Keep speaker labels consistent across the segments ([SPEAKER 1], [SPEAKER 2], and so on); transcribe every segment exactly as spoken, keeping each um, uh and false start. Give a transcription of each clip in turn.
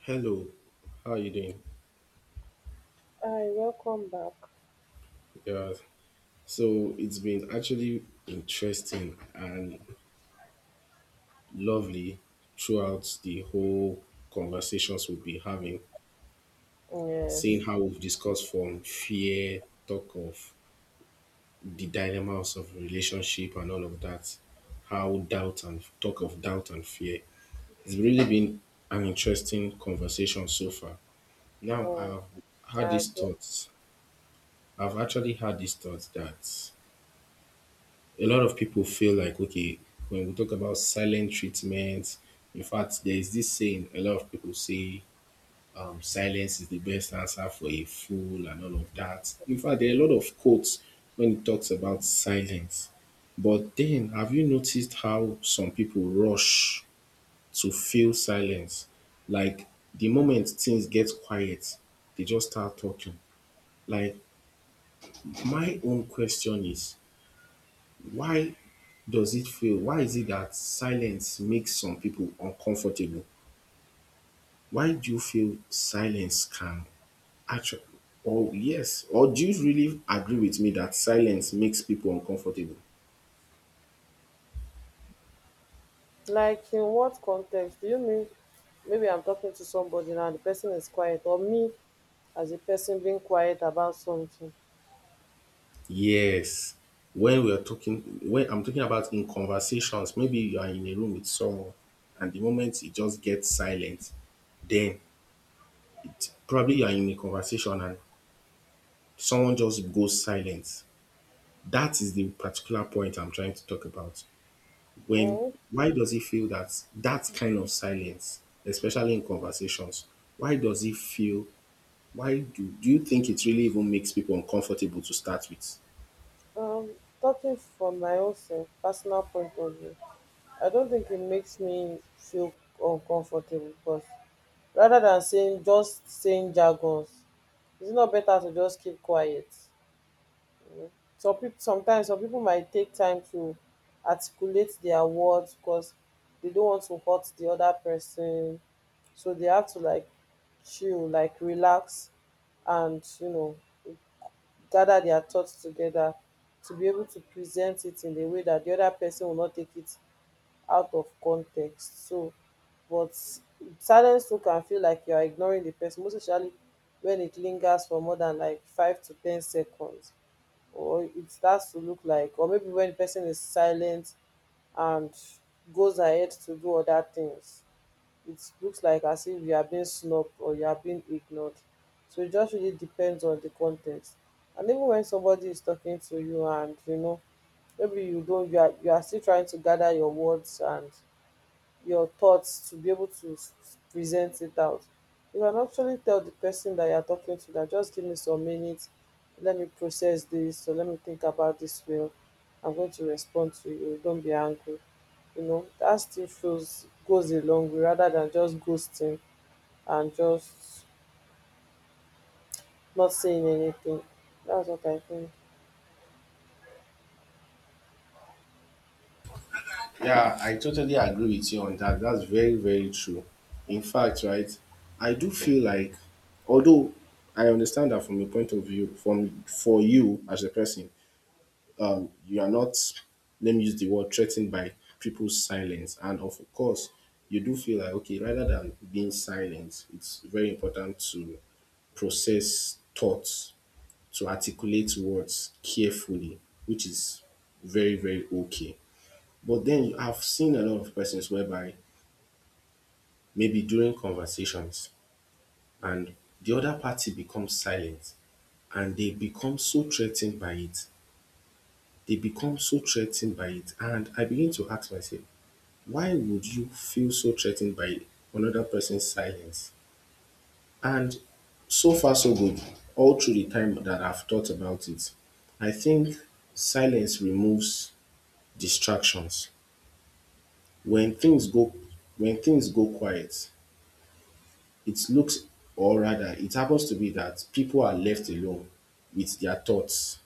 [SPEAKER 1] Hello, how are you doing?
[SPEAKER 2] Hi, welcome back.
[SPEAKER 1] Yeah, so it's been actually interesting and lovely throughout the whole conversations we've been having, seeing
[SPEAKER 2] Yes,
[SPEAKER 1] how we've discussed from fear, talk of the dilemmas of relationship and all of that, how doubt and talk of doubt and fear. It's really been an interesting conversation so far. Now
[SPEAKER 2] mm,
[SPEAKER 1] I've had
[SPEAKER 2] I
[SPEAKER 1] these
[SPEAKER 2] agree.
[SPEAKER 1] thoughts. I've actually had these thoughts that a lot of people feel like okay when we talk about silent treatment. In fact, there is this saying a lot of people say, um, silence is the best answer for a fool and all of that. In fact, there are a lot of quotes when it talks about silence. But then, have you noticed how some people rush to feel silence? Like, the moment things get quiet, they just start talking. Like, my own question is, Why does it feel, why is it that silence makes some people uncomfortable? Why do you feel silence can actually, or yes, or do you really agree with me that silence makes people uncomfortable?
[SPEAKER 2] Like, in what context do you mean? Maybe I'm talking to somebody now, the person is quiet, or me as a person being quiet about something.
[SPEAKER 1] Yes. When we are talking, when I'm talking about in conversations, maybe you are in a room with someone, and the moment it just gets silent, then probably you are in a conversation and someone just goes silent. That is the particular point I'm trying to talk about. When
[SPEAKER 2] Mm,
[SPEAKER 1] Why does it feel that that kind of silence, especially in conversations? Why does it feel? Why do, do you think it really even makes people uncomfortable to start with?
[SPEAKER 2] um, Talking from my own self, personal point of view, I don't think it makes me feel uncomfortable because rather than saying just saying jargons, it's not better to just keep quiet. Some people sometimes some people might take time to articulate their words because they don't want to hurt the other person, so they have to like chill, like relax, and you know, gather their thoughts together to be able to present it in a way that the other person will not take it out of context. So but silence too can feel like you are ignoring the person, most especially when it lingers for more than like five to ten seconds, or it starts to look like, or maybe when the person is silent and goes ahead to do other things, it looks like as if you are being snubbed or you are being ignored. So it just really depends on the context. And even when somebody is talking to you, and you know, maybe you don't, you are, you are still trying to gather your words and your thoughts to be able to s- present it out. You can actually tell the person that you're talking to that, just give me some minutes, let me process this, or let me think about this well. I'm going to respond to you. Don't be angry. You know, that still feels goes a long way rather than just ghosting and just not saying anything. That's what I think.
[SPEAKER 1] Yeah, I totally agree with you on that. That's very, very true. In fact, right, I do feel like, although I understand that from a point of view, from for you as a person, you are not, let me use the word, threatened by people's silence. And of course, you do feel like, okay, rather than being silent, it's very important to process thoughts, to articulate words carefully, which is very, very okay. But then, I've seen a lot of persons whereby maybe during conversations, and the other party becomes silent and they become so threatened by it. They become so threatened by it. And I begin to ask myself, why would you feel so threatened by another person's silence? And so far, so good. All through the time that I've thought about it, I think silence removes distractions. When things go when things go quiet, it looks, or rather it happens to be that people are left alone with their thoughts,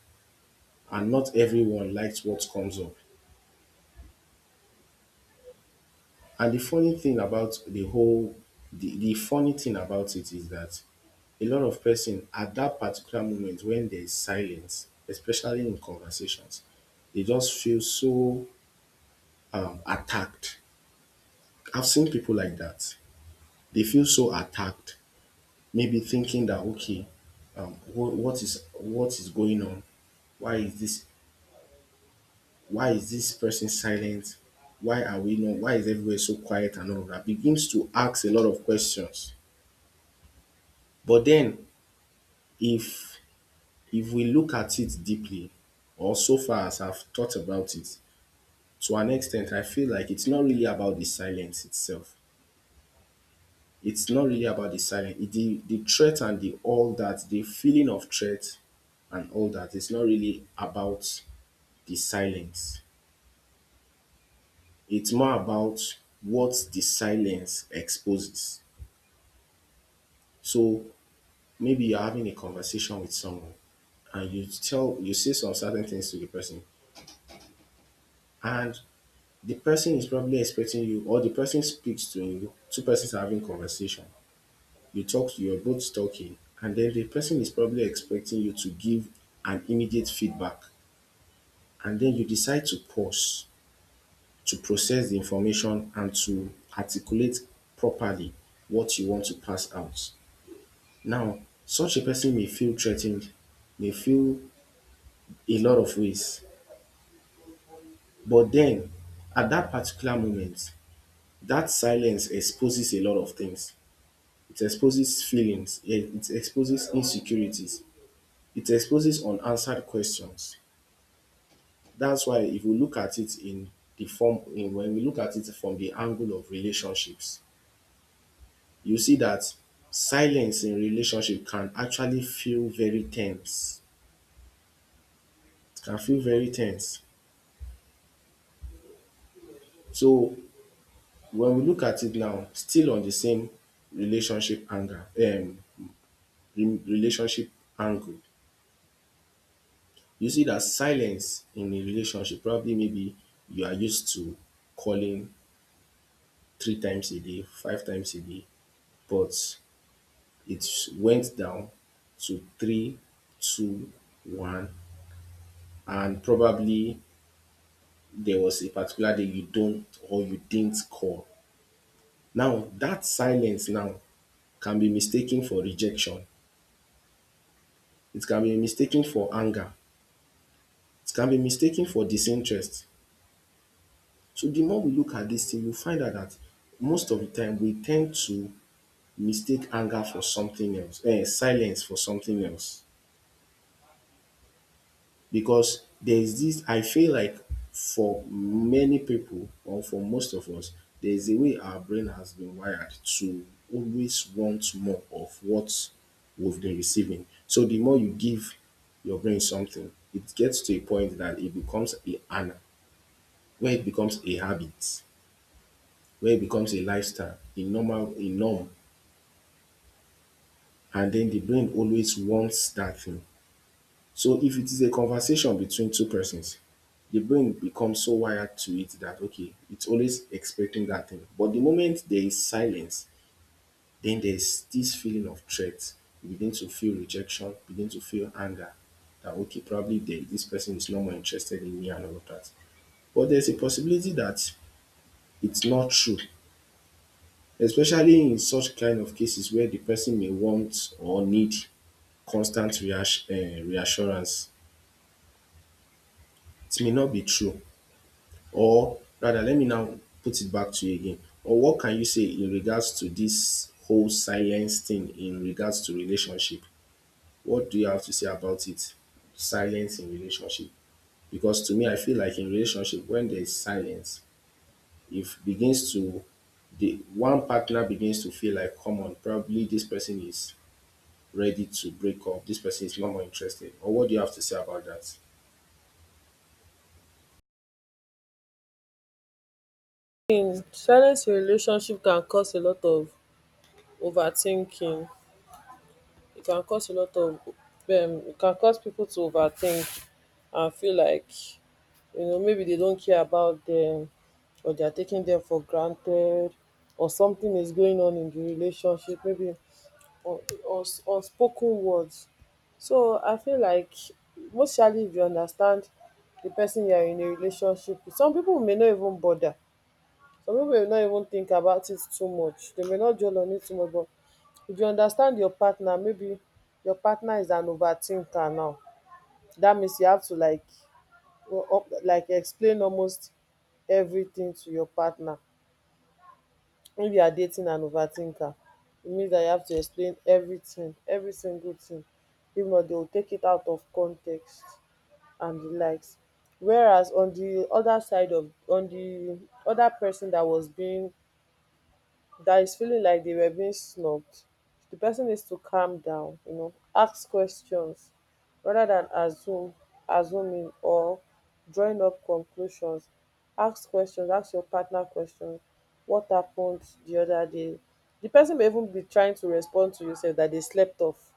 [SPEAKER 1] and not everyone likes what comes up. And the funny thing about the whole, the, the funny thing about it is that a lot of person at that particular moment when there is silence, especially in conversations, they just feel so, um, attacked. I've seen people like that. They feel so attacked, maybe thinking that okay, um, wh- what is what is going on? Why is this? Why is this person silent? Why are we not? Why is everywhere so quiet and all of that? Begins to ask a lot of questions. But then, If if we look at it deeply, or so far as I've thought about it, to an extent I feel like it's not really about the silence itself. It's not really about the silence. It- The the threat and the all that, the feeling of threat and all that, it's not really about the silence. It's more about what the silence exposes. So maybe you're having a conversation with someone and you tell you say some certain things to the person, and the person is probably expecting you, or the person speaks to you. Two persons are having conversation. You talk, you're both talking, and then the person is probably expecting you to give an immediate feedback. And then you decide to pause to process the information and to articulate properly what you want to pass out. Now, such a person may feel threatened, may feel a lot of ways, but then at that particular moment, that silence exposes a lot of things. It exposes feelings, yeah, it exposes insecurities, it exposes unanswered questions. That's why if we look at it in the form, in when we look at it from the angle of relationships, you see that silence in relationship can actually feel very tense. It can feel very tense. So when we look at it now, still on the same relationship anger um re- relationship angle, you see that silence in a relationship, probably maybe you are used to calling three times a day, five times a day, but it went down to three, two, one, and probably there was a particular day you don't, or you didn't call. Now that silence now can be mistaken for rejection. It can be mistaken for anger. It can be mistaken for disinterest. So the more we look at this thing, you find out that most of the time we tend to mistake anger for something else, eh, silence for something else, because there is this, I feel like, for many people or for most of us, there is a way our brain has been wired to always want more of what we've been receiving. So the more you give your brain something, it gets to a point that it becomes a an where it becomes a habit, where it becomes a lifestyle, a normal a norm, and then the brain always wants that thing. So if it is a conversation between two persons, the brain becomes so wired to it that okay, it's always expecting that thing. But the moment there is silence, then there's this feeling of threat. You begin to feel rejection, begin to feel anger that okay, probably they, this person is no more interested in me and all of that. But there's a possibility that it's not true, especially in such kind of cases where the person may want or need constant reass- eh, reassurance. It may not be true. Or rather, let me now put it back to you again. Or what can you say in regards to this whole silence thing in regards to relationship? What do you have to say about it? Silence in relationship, because to me I feel like in relationship when there is silence, if begins to the one partner begins to feel like, come on, probably this person is ready to break up, this person is no more interested, or what do you have to say about that?
[SPEAKER 2] In silence in relationship can cause a lot of overthinking. It can cause a lot of um, it can cause people to overthink and feel like, you know, maybe they don't care about them, or they are taking them for granted, or something is going on in the relationship, maybe, or or s- unspoken words. So I feel like, mostly if you understand the person you are in a relationship with, some people may not even bother, some people may not even think about it too much, they may not dwell on it too much. But if you understand your partner, maybe your partner is an overthinker, now that means you have to like go up, like explain almost everything to your partner. If you are dating an overthinker, it means that you have to explain everything, every single thing. If not, they will take it out of context and the likes. Whereas on the other side of on the other person that was being, that is feeling like they were being snubbed, the person needs to calm down, you know, ask questions rather than assume, assuming or drawing up conclusions. Ask questions, ask your partner questions. What happened the other day? The person may even be trying to respond to you, say that they slept off,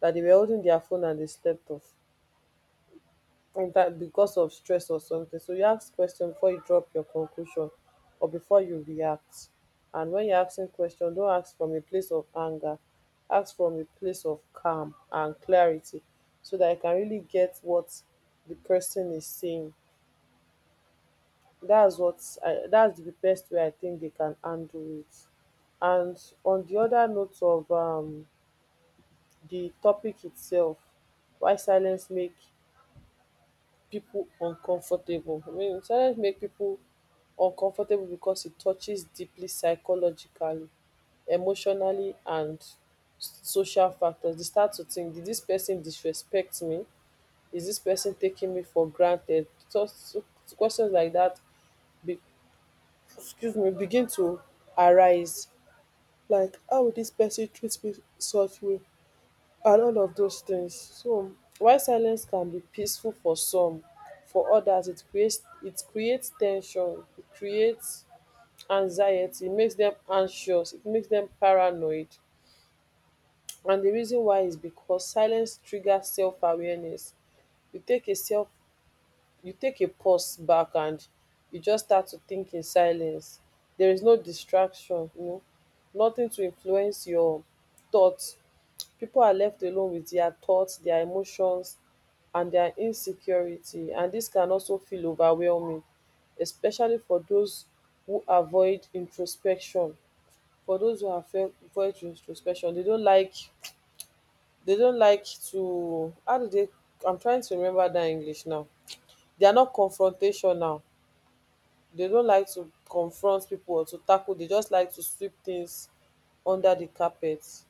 [SPEAKER 2] that they were holding their phone and they slept off in that because of stress or something. So you ask question before you drop your conclusion or before you react. And when you're asking question, don't ask from a place of anger. Ask from a place of calm and clarity so that you can really get what the person is saying. That's what I, that's the best way I think they can handle it. And on the other note of um, the topic itself, why silence make people uncomfortable. I mean, silence make people uncomfortable because it touches deeply psychologically, emotionally, and s- social factors. They start to think, did this person disrespect me? Is this person taking me for granted? Just questions like that, be, excuse me, begin to arise. Like, how would this person treat me such way? And all of those things. So while silence can be peaceful for some, for others it creates it creates tension, it creates anxiety, it makes them anxious, it makes them paranoid. And the reason why is because silence triggers self awareness. You take a self you take a pause back and you just start to think in silence. There is no distraction, you know, nothing to influence your thoughts. People are left alone with their thoughts, their emotions, and their insecurity, and this can also feel overwhelming, especially for those who avoid introspection. For those who have avo- avoid introspection, they don't like they don't like to, how do they, I'm trying to remember that English now. They are not confrontational. They don't like to confront people or to tackle. They just like to sweep things under the carpet. So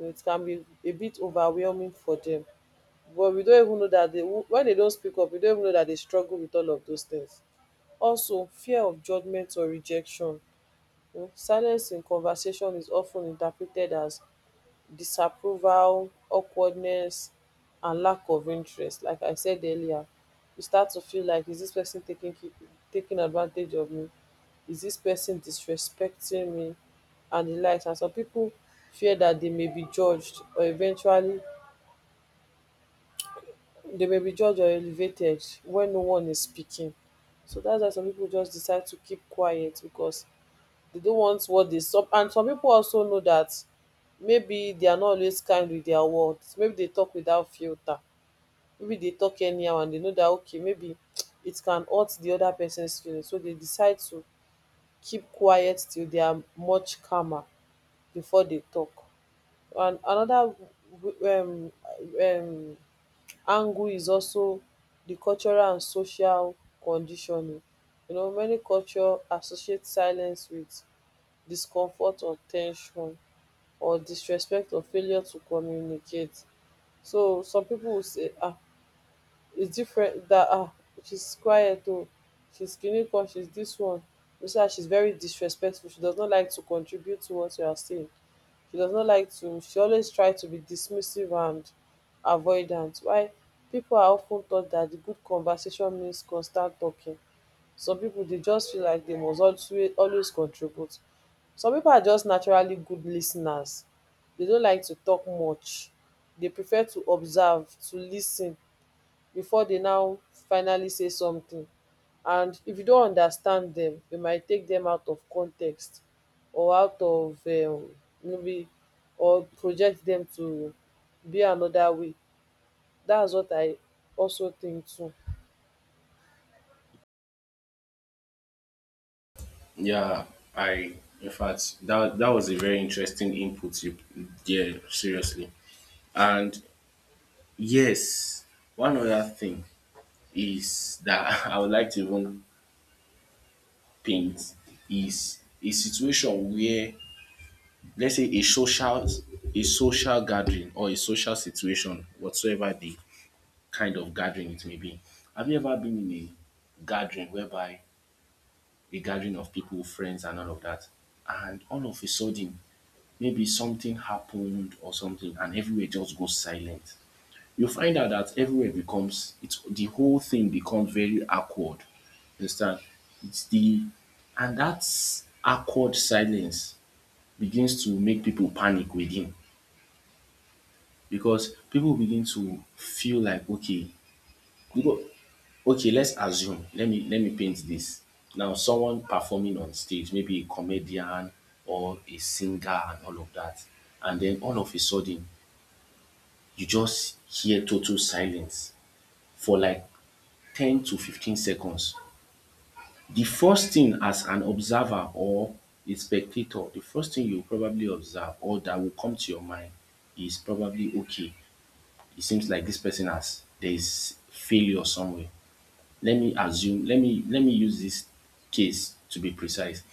[SPEAKER 2] it can be a bit overwhelming for them. But we don even know that they, when they don't speak up, we don't even know that they struggle with all of those things. Also, fear of judgment or rejection. Mm, Silence in conversation is often interpreted as disapproval, awkwardness, and lack of interest. Like I said earlier, you start to feel like, is this person taking taking advantage of me? Is this person disrespecting me? And the likes. And some people fear that they may be judged or eventually they may be judged or elevated when no one is speaking. So that's why some people just decide to keep quiet because they don't want what they stop. And some people also know that maybe they are not always kind with their words. Maybe they talk without filter. Maybe they talk anyhow and they know that, okay, maybe it can hurt the other person's feelings. So they decide to keep quiet till they are much calmer before they talk. And another um, um, angle is also the cultural and social conditioning. You know, many culture associate silence with discomfort or ten sion or disrespect or failure to communicate. So some people will say, ah, its different. That, ah, shes quiet, oh, shes kini kan, shes this one, you say her, shes very disrespectful, she does not like to contribute to what you are saying, she does not like to, she always try to be dismissive and avoidant. While pipo are of ten taught dat good conversation means constant talking, some pipo dey just feel like dem must always always contribute. Some pipo are just naturally good lis ten ers, dey no like to talk much, dey prefer to observe, to lis ten before dey now finally say something. And if you don't understand them, you might take them out of context, or out of um, maybe, or project them to be another way. That's what I also think too.
[SPEAKER 1] Yeah, I in fact, that that was a very interesting input you Yeah, seriously. And yes, one other thing is that I would like to even paint is a situation where, let's say, a social, a social gathering or a social situation, whatsoever the kind of gathering it may be. Have you ever been in a gathering whereby a gathering of people, friends and all of that, and all of a sudden, maybe something happened or something, and everywhere just goes silent? You find out that everywhere becomes, it's the whole thing becomes very awkward. You understand? It's the, and that awkward silence begins to make people panic within, because people begin to feel like okay, because okay, let's assume, let me let me paint this. Now, someone performing on stage, maybe a comedian or a singer and all of that, and then all of a sudden you just hear total silence for like ten to fifteen seconds. The first thing, as an observer or a spectator, the first thing you probably observe or that will come to your mind is probably okay, it seems like this person has, there is failure somewhere. Let me assume, let me let me use this case to be precise.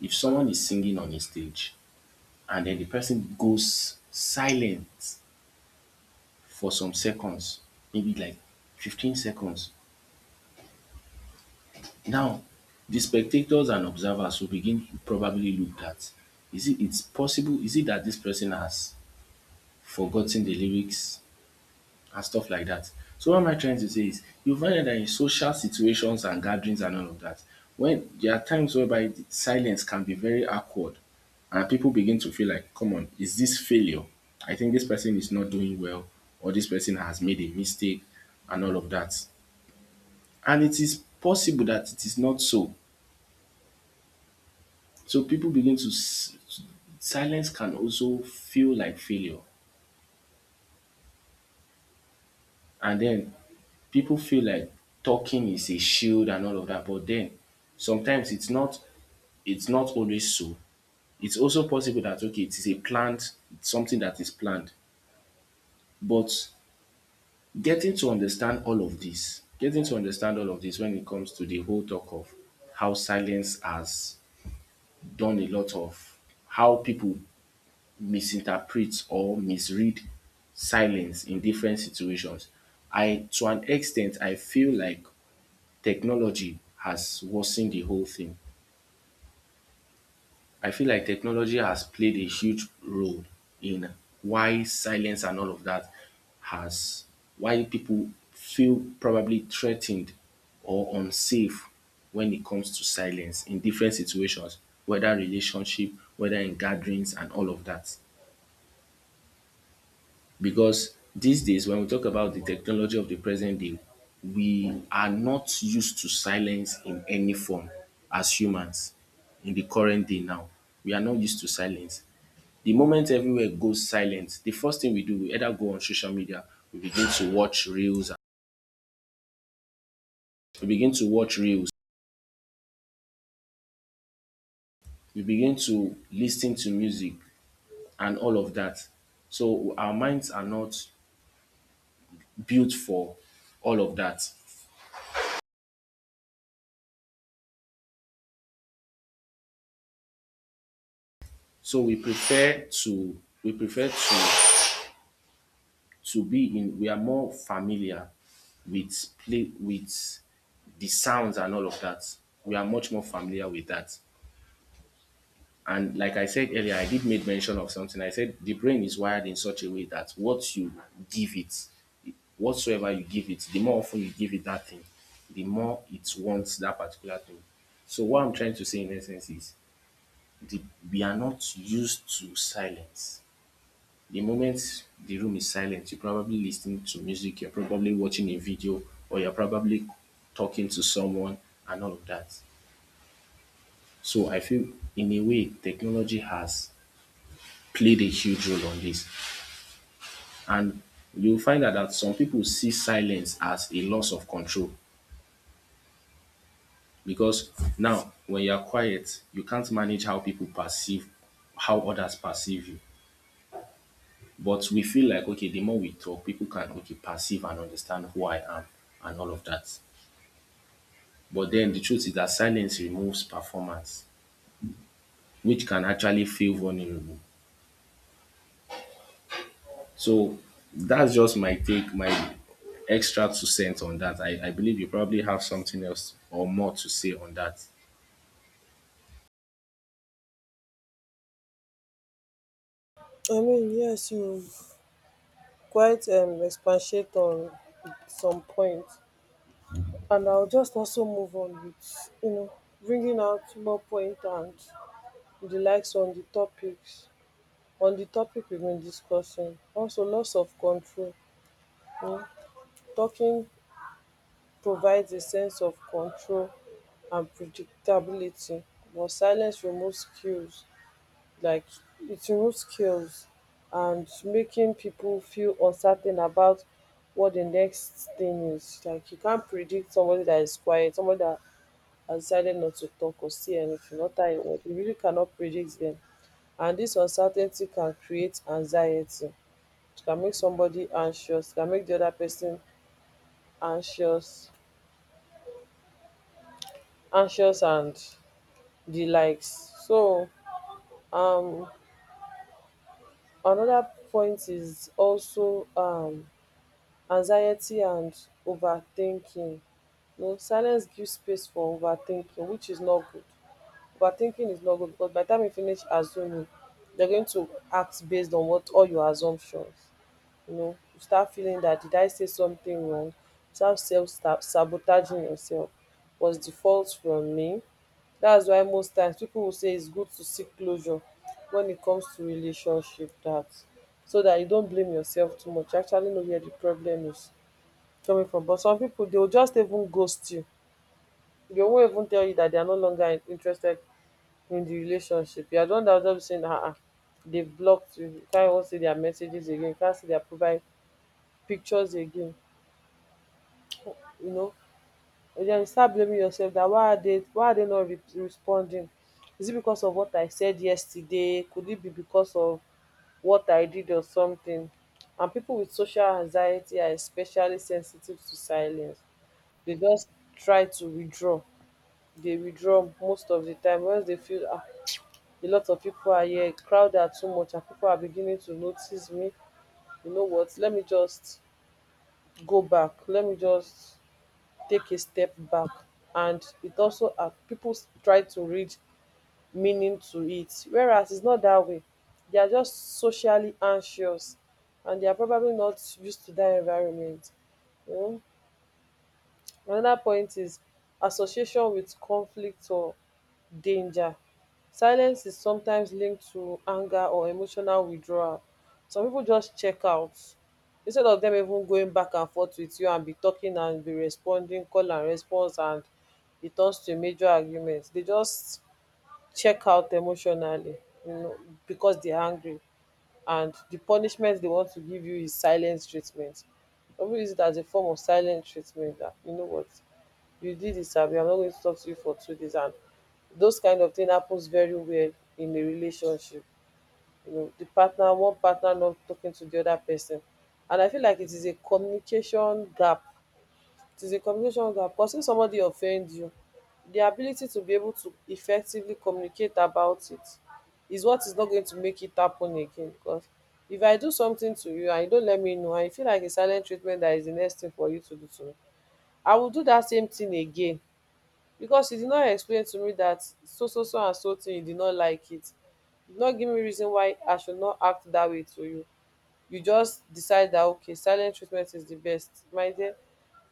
[SPEAKER 1] If someone is singing on a stage and then the person goes silent for some seconds, maybe like fifteen seconds. Now, the spectators and observers will begin probably look at, is it, it's possible, is it that this person has forgotten the lyrics and stuff like that? So what am I trying to say is, you find out that in social situations and gatherings and all of that, when there are times whereby the silence can be very awkward, and people begin to feel like, come on, is this failure? I think this person is not doing well, or this person has made a mistake and all of that. And it is possible that it is not so. So people begin to s-, silence can also feel like failure. And then people feel like talking is a shield and all of that. But then sometimes it's not it's not always so. It's also possible that okay, it is a planned, it's something that is planned. But getting to understand all of this, getting to understand all of this when it comes to the whole talk of how silence has done a lot of, how people misinterprets or misread silence in different situations. I to an extent I feel like technology has worsened the whole thing. I feel like technology has played a huge role in why silence and all of that has, why people feel probably threatened or unsafe when it comes to silence in different situations, whether relationship, whether in gatherings and all of that. Because these days when we talk about the technology of the present day, we are not used to silence in any form as humans in the current day now. We are not used to silence. The moment everywhere goes silent, the first thing we do, we either go on social media, we begin to watch reels, we begin to watch reels, we begin to listen to music and all of that. So our minds are not built for all of that. So we prefer to we prefer to to be in we are more familiar with play with the sounds and all of that. We are much more familiar with that. And like I said earlier, I did make mention of something. I said the brain is wired in such a way that what you give it, whatsoever you give it, the more often you give it that thing, the more it wants that particular thing. So what I'm trying to say in essence is, the, we are not used to silence. The moment the room is silent, you're probably listening to music, you're probably watching a video, or you're probably talking to someone and all of that. So I feel in a way technology has played a huge role on this. And you'll find out that some people see silence as a loss of control because now when you're quiet, you can't manage how people perceive, how others perceive you. But we feel like okay, the more we talk, people can okay perceive and understand who I am and all of that. But then the truth is that silence removes performance, which can actually feel vulnerable. So that's just my take, my extra two cents on that. I, I believe you probably have something else or more to say on that.
[SPEAKER 2] I mean, yes, you quite um expatiate on some points, and I'll just also move on with, you know, bringing out more point and the likes on the topics on the topic we've been discussing. Also loss of control. You know, talking provides a sense of control and predictability, but silence removes skills, like it removes skills and making people feel uncertain about what the next thing is. Like you can't predict somebody that is quiet, somebody that has decided not to talk or say anything, not that you you really cannot predict them. And this uncertainty can create anxiety. It can make somebody anxious, it can make the other person anxious, anxious and the likes. So um another point is also um anxiety and overthinking. You know, silence gives space for overthinking, which is not good. Overthinking is not good because by the time you finish assuming, you're going to act based on what all your assumptions. You know, you start feeling that, did I say something wrong? Start self sta- sabotaging yourself. Was the fault from me? That's why most times people will say it's good to seek closure when it comes to relationship, that so that you don't blame yourself too much. You actually know where the problem is coming from. But some people they'll just even ghost you. They won't even tell you that they are no longer in- interested in the relationship. You are the one that will just be saying, uh-uh. They've blocked you. You can't even see their messages again. You can't see their profile pictures again. You know, and then you start blaming yourself that why are they why are they not re- responding? Is it because of what I said yesterday? Could it be because of what I did or something? And people with social anxiety are especially sensitive to silence. They just try to withdraw. They withdraw most of the time once they feel, ah, a lot of people are here, crowd are too much, and people are beginning to notice me. You know what? Let me just go back. Let me just take a step back. And it also um people try to read meaning to it, whereas its not that way. They are just socially anxious and they are probably not used to that environment. um. Another point is association with conflict or danger. Silence is sometimes linked to anger or emotional withdrawal. Some people just check out instead of them even going back and forth with you and be talking and be responding, call and response, and it turns to a major argument. They just check out emotionally, you know, because they're angry. And the punishment they want to give you is silence treatment. Some people use it as a form of silent treatment that, you know what, you did this, abi I'm not going to talk to you for two days. And those kind of thing happens very well in a relationship, you know, the partner, one partner not talking to the other person. And I feel like it is a communication gap. It is a communication gap because if somebody offends you, the ability to be able to effectively communicate about it is what is not going to make it happen again. Because if I do something to you and you don't let me know and you feel like a silent treatment that is the next thing for you to do to me, I will do that same thing again, because you did not explain to me that so so so and so thing you did not like it. You did not give me reason why I should not act that way to you. You just decide that, okay, silent treatment is the best. My dear,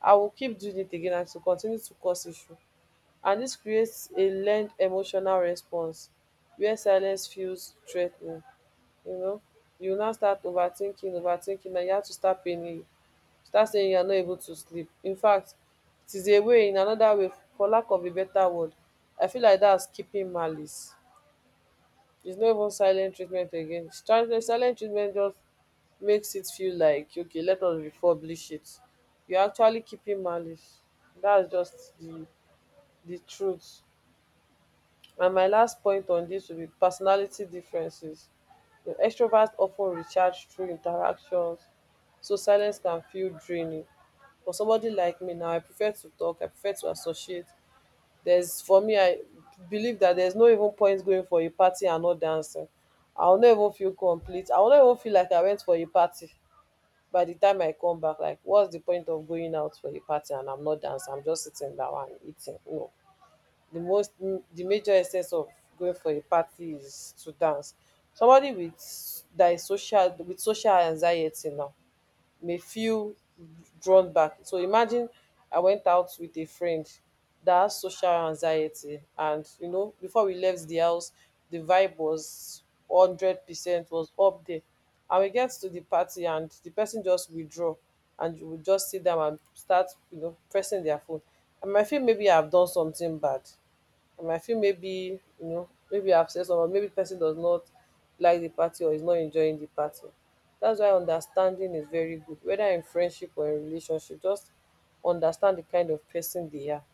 [SPEAKER 2] I will keep doing it again and to continue to cause issue. And this creates a learned emotional response where silence feels threatening. You know, you now start overthinking, overthinking, and you have to start paying, start saying you are not able to sleep. In fact, it is a way, in another way, for lack of a better word, I feel like that's keeping malice. It's not even silent treatment again. Silent silent treatment just makes it feel like, okay, let us republish it. You're actually keeping malice. That's just the, the truth. And my last point on this will be personality differences. The extroverts often recharge through interactions, so silence can feel draining. For somebody like me now, I prefer to talk, I prefer to associate. There's, for me, I believe that there's no even point going for a party and not dancing. I'll not even feel complete. I'll not even feel like I went for a party by the time I come back. Like, what's the point of going out for a party and I'm not dancing? I'm just sitting down and eating. No, the most, the major essence of going for a party is to dance. Somebody with that is social with social anxiety now may feel drawn back. So imagine I went out with a friend that has social anxiety, and you know, before we left the house, the vibe was hundred percent, was up there, and we get to the party, and the person just withdraw, and you will just see them and start, you know, pressing their phone. I might feel maybe I've done something bad. And I feel maybe, you know, maybe I've said something, or maybe person does not like the party or is not enjoying the party. That's why understanding is very good, whether in friendship or in relationship. Just understand the kind of person they are.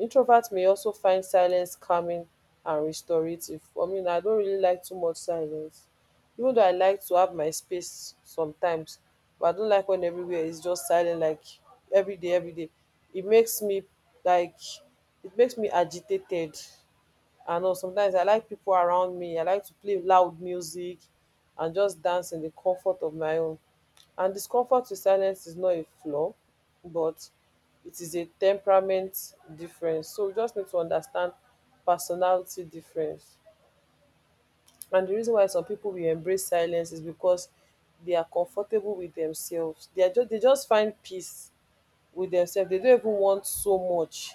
[SPEAKER 2] Introverts may also find silence calming and restorative. I mean, I don't really like too much silence. Even though I like to have my space sometimes, but I don't like when everywhere is just silent, like every day, every day. It makes me like it makes me agitated. I know sometimes I like people around me. I like to play loud music and just dance in the comfort of my own. And discomfort with silence is not a flaw, but it is a temperament difference. So we just need to understand personality difference. And the reason why some people will embrace silence is because they are comfortable with themselves. They are just they just find peace with themselves. They don't even want so much.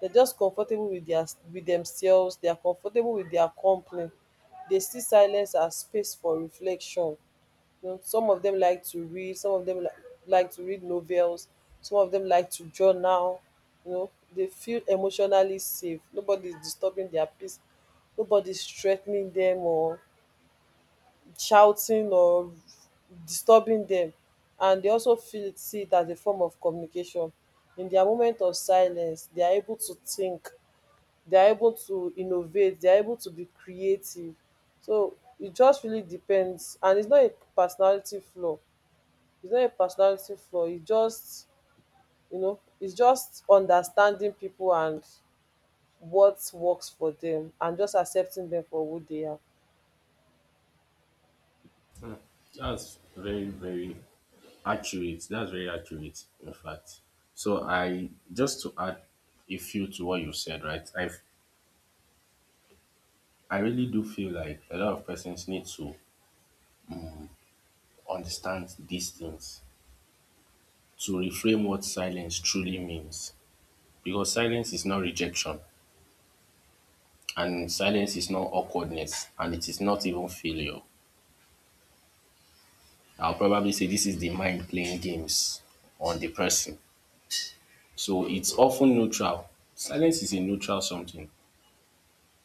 [SPEAKER 2] They're just comfortable with their with themselves. They are comfortable with their company. They see silence as space for reflection. You know, some of them like to read. Some of them like, like to read novels. Some of them like to journal. You know, they feel emotionally safe. Nobody's disturbing their peace. Nobody's threatening them or shouting or disturbing them, and they also feel it see it as a form of communication. In their moment of silence, they are able to think, they are able to innovate, they are able to be creative. So it just really depends, and it's not a personality flaw, it's not a personality flaw, it's just, you know, it's just understanding people and what works for them, and just accepting them for who they are.
[SPEAKER 1] That's very, very accurate. That's very accurate, in fact. So I just to add a few to what you said, right? I I really do feel like a lot of persons need to understand these things to reframe what silence truly means. Because silence is not rejection, and silence is not awkwardness, and it is not even failure. I'll probably say this is the mind playing games on the person. So it's often neutral. Silence is a neutral something.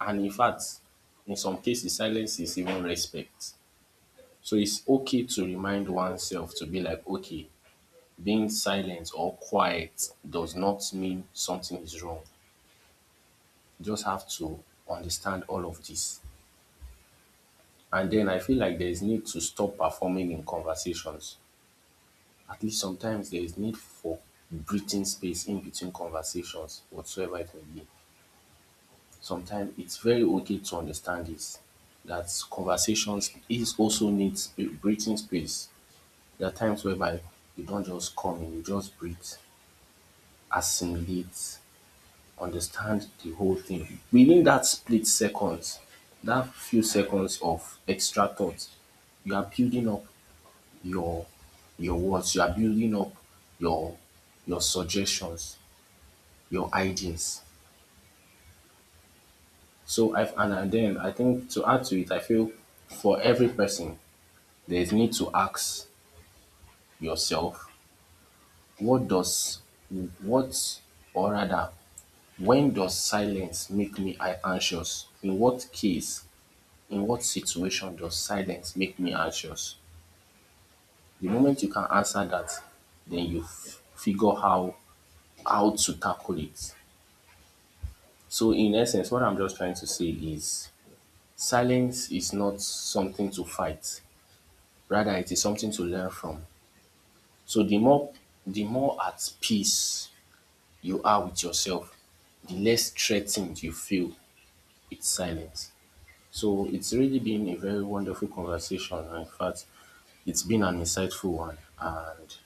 [SPEAKER 1] And in fact, in some cases, silence is even respect. So it's okay to remind oneself to be like, okay, being silent or quiet does not mean something is wrong. You just have to understand all of this. And then I feel like there is need to stop performing in conversations. At least sometimes there is need for breathing space in between conversations, whatsoever it may be. Sometimes it's very okay to understand this that conversations is also needs a breathing space. There are times whereby you don't just come in, you just breathe, assimilate, understand the whole thing. Within that split seconds, that few seconds of extra thought, you are building up your your words, you are building up your your suggestions, your ideas. So I've and I- then I think to add to it, I feel for every person there's need to ask yourself what does what, or rather, when does silence make me a- anxious? In what case, in what situation does silence make me anxious? The moment you can answer that, then you f- figure how how to tackle it. So, in essence, what I'm just trying to say is silence is not something to fight. Rather, it is something to learn from. So, the more the more at peace you are with yourself, the less threatened you feel with silence. So, it's really been a very wonderful conversation. In fact, it's been an insightful one. And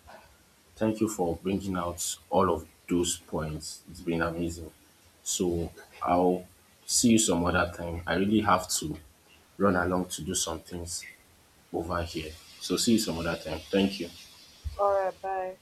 [SPEAKER 1] thank you for bringing out all of those points. It's been amazing. So I'll see you some other time. I really have to run along to do some things over here. So see you some other time. Thank you.
[SPEAKER 2] All right, bye.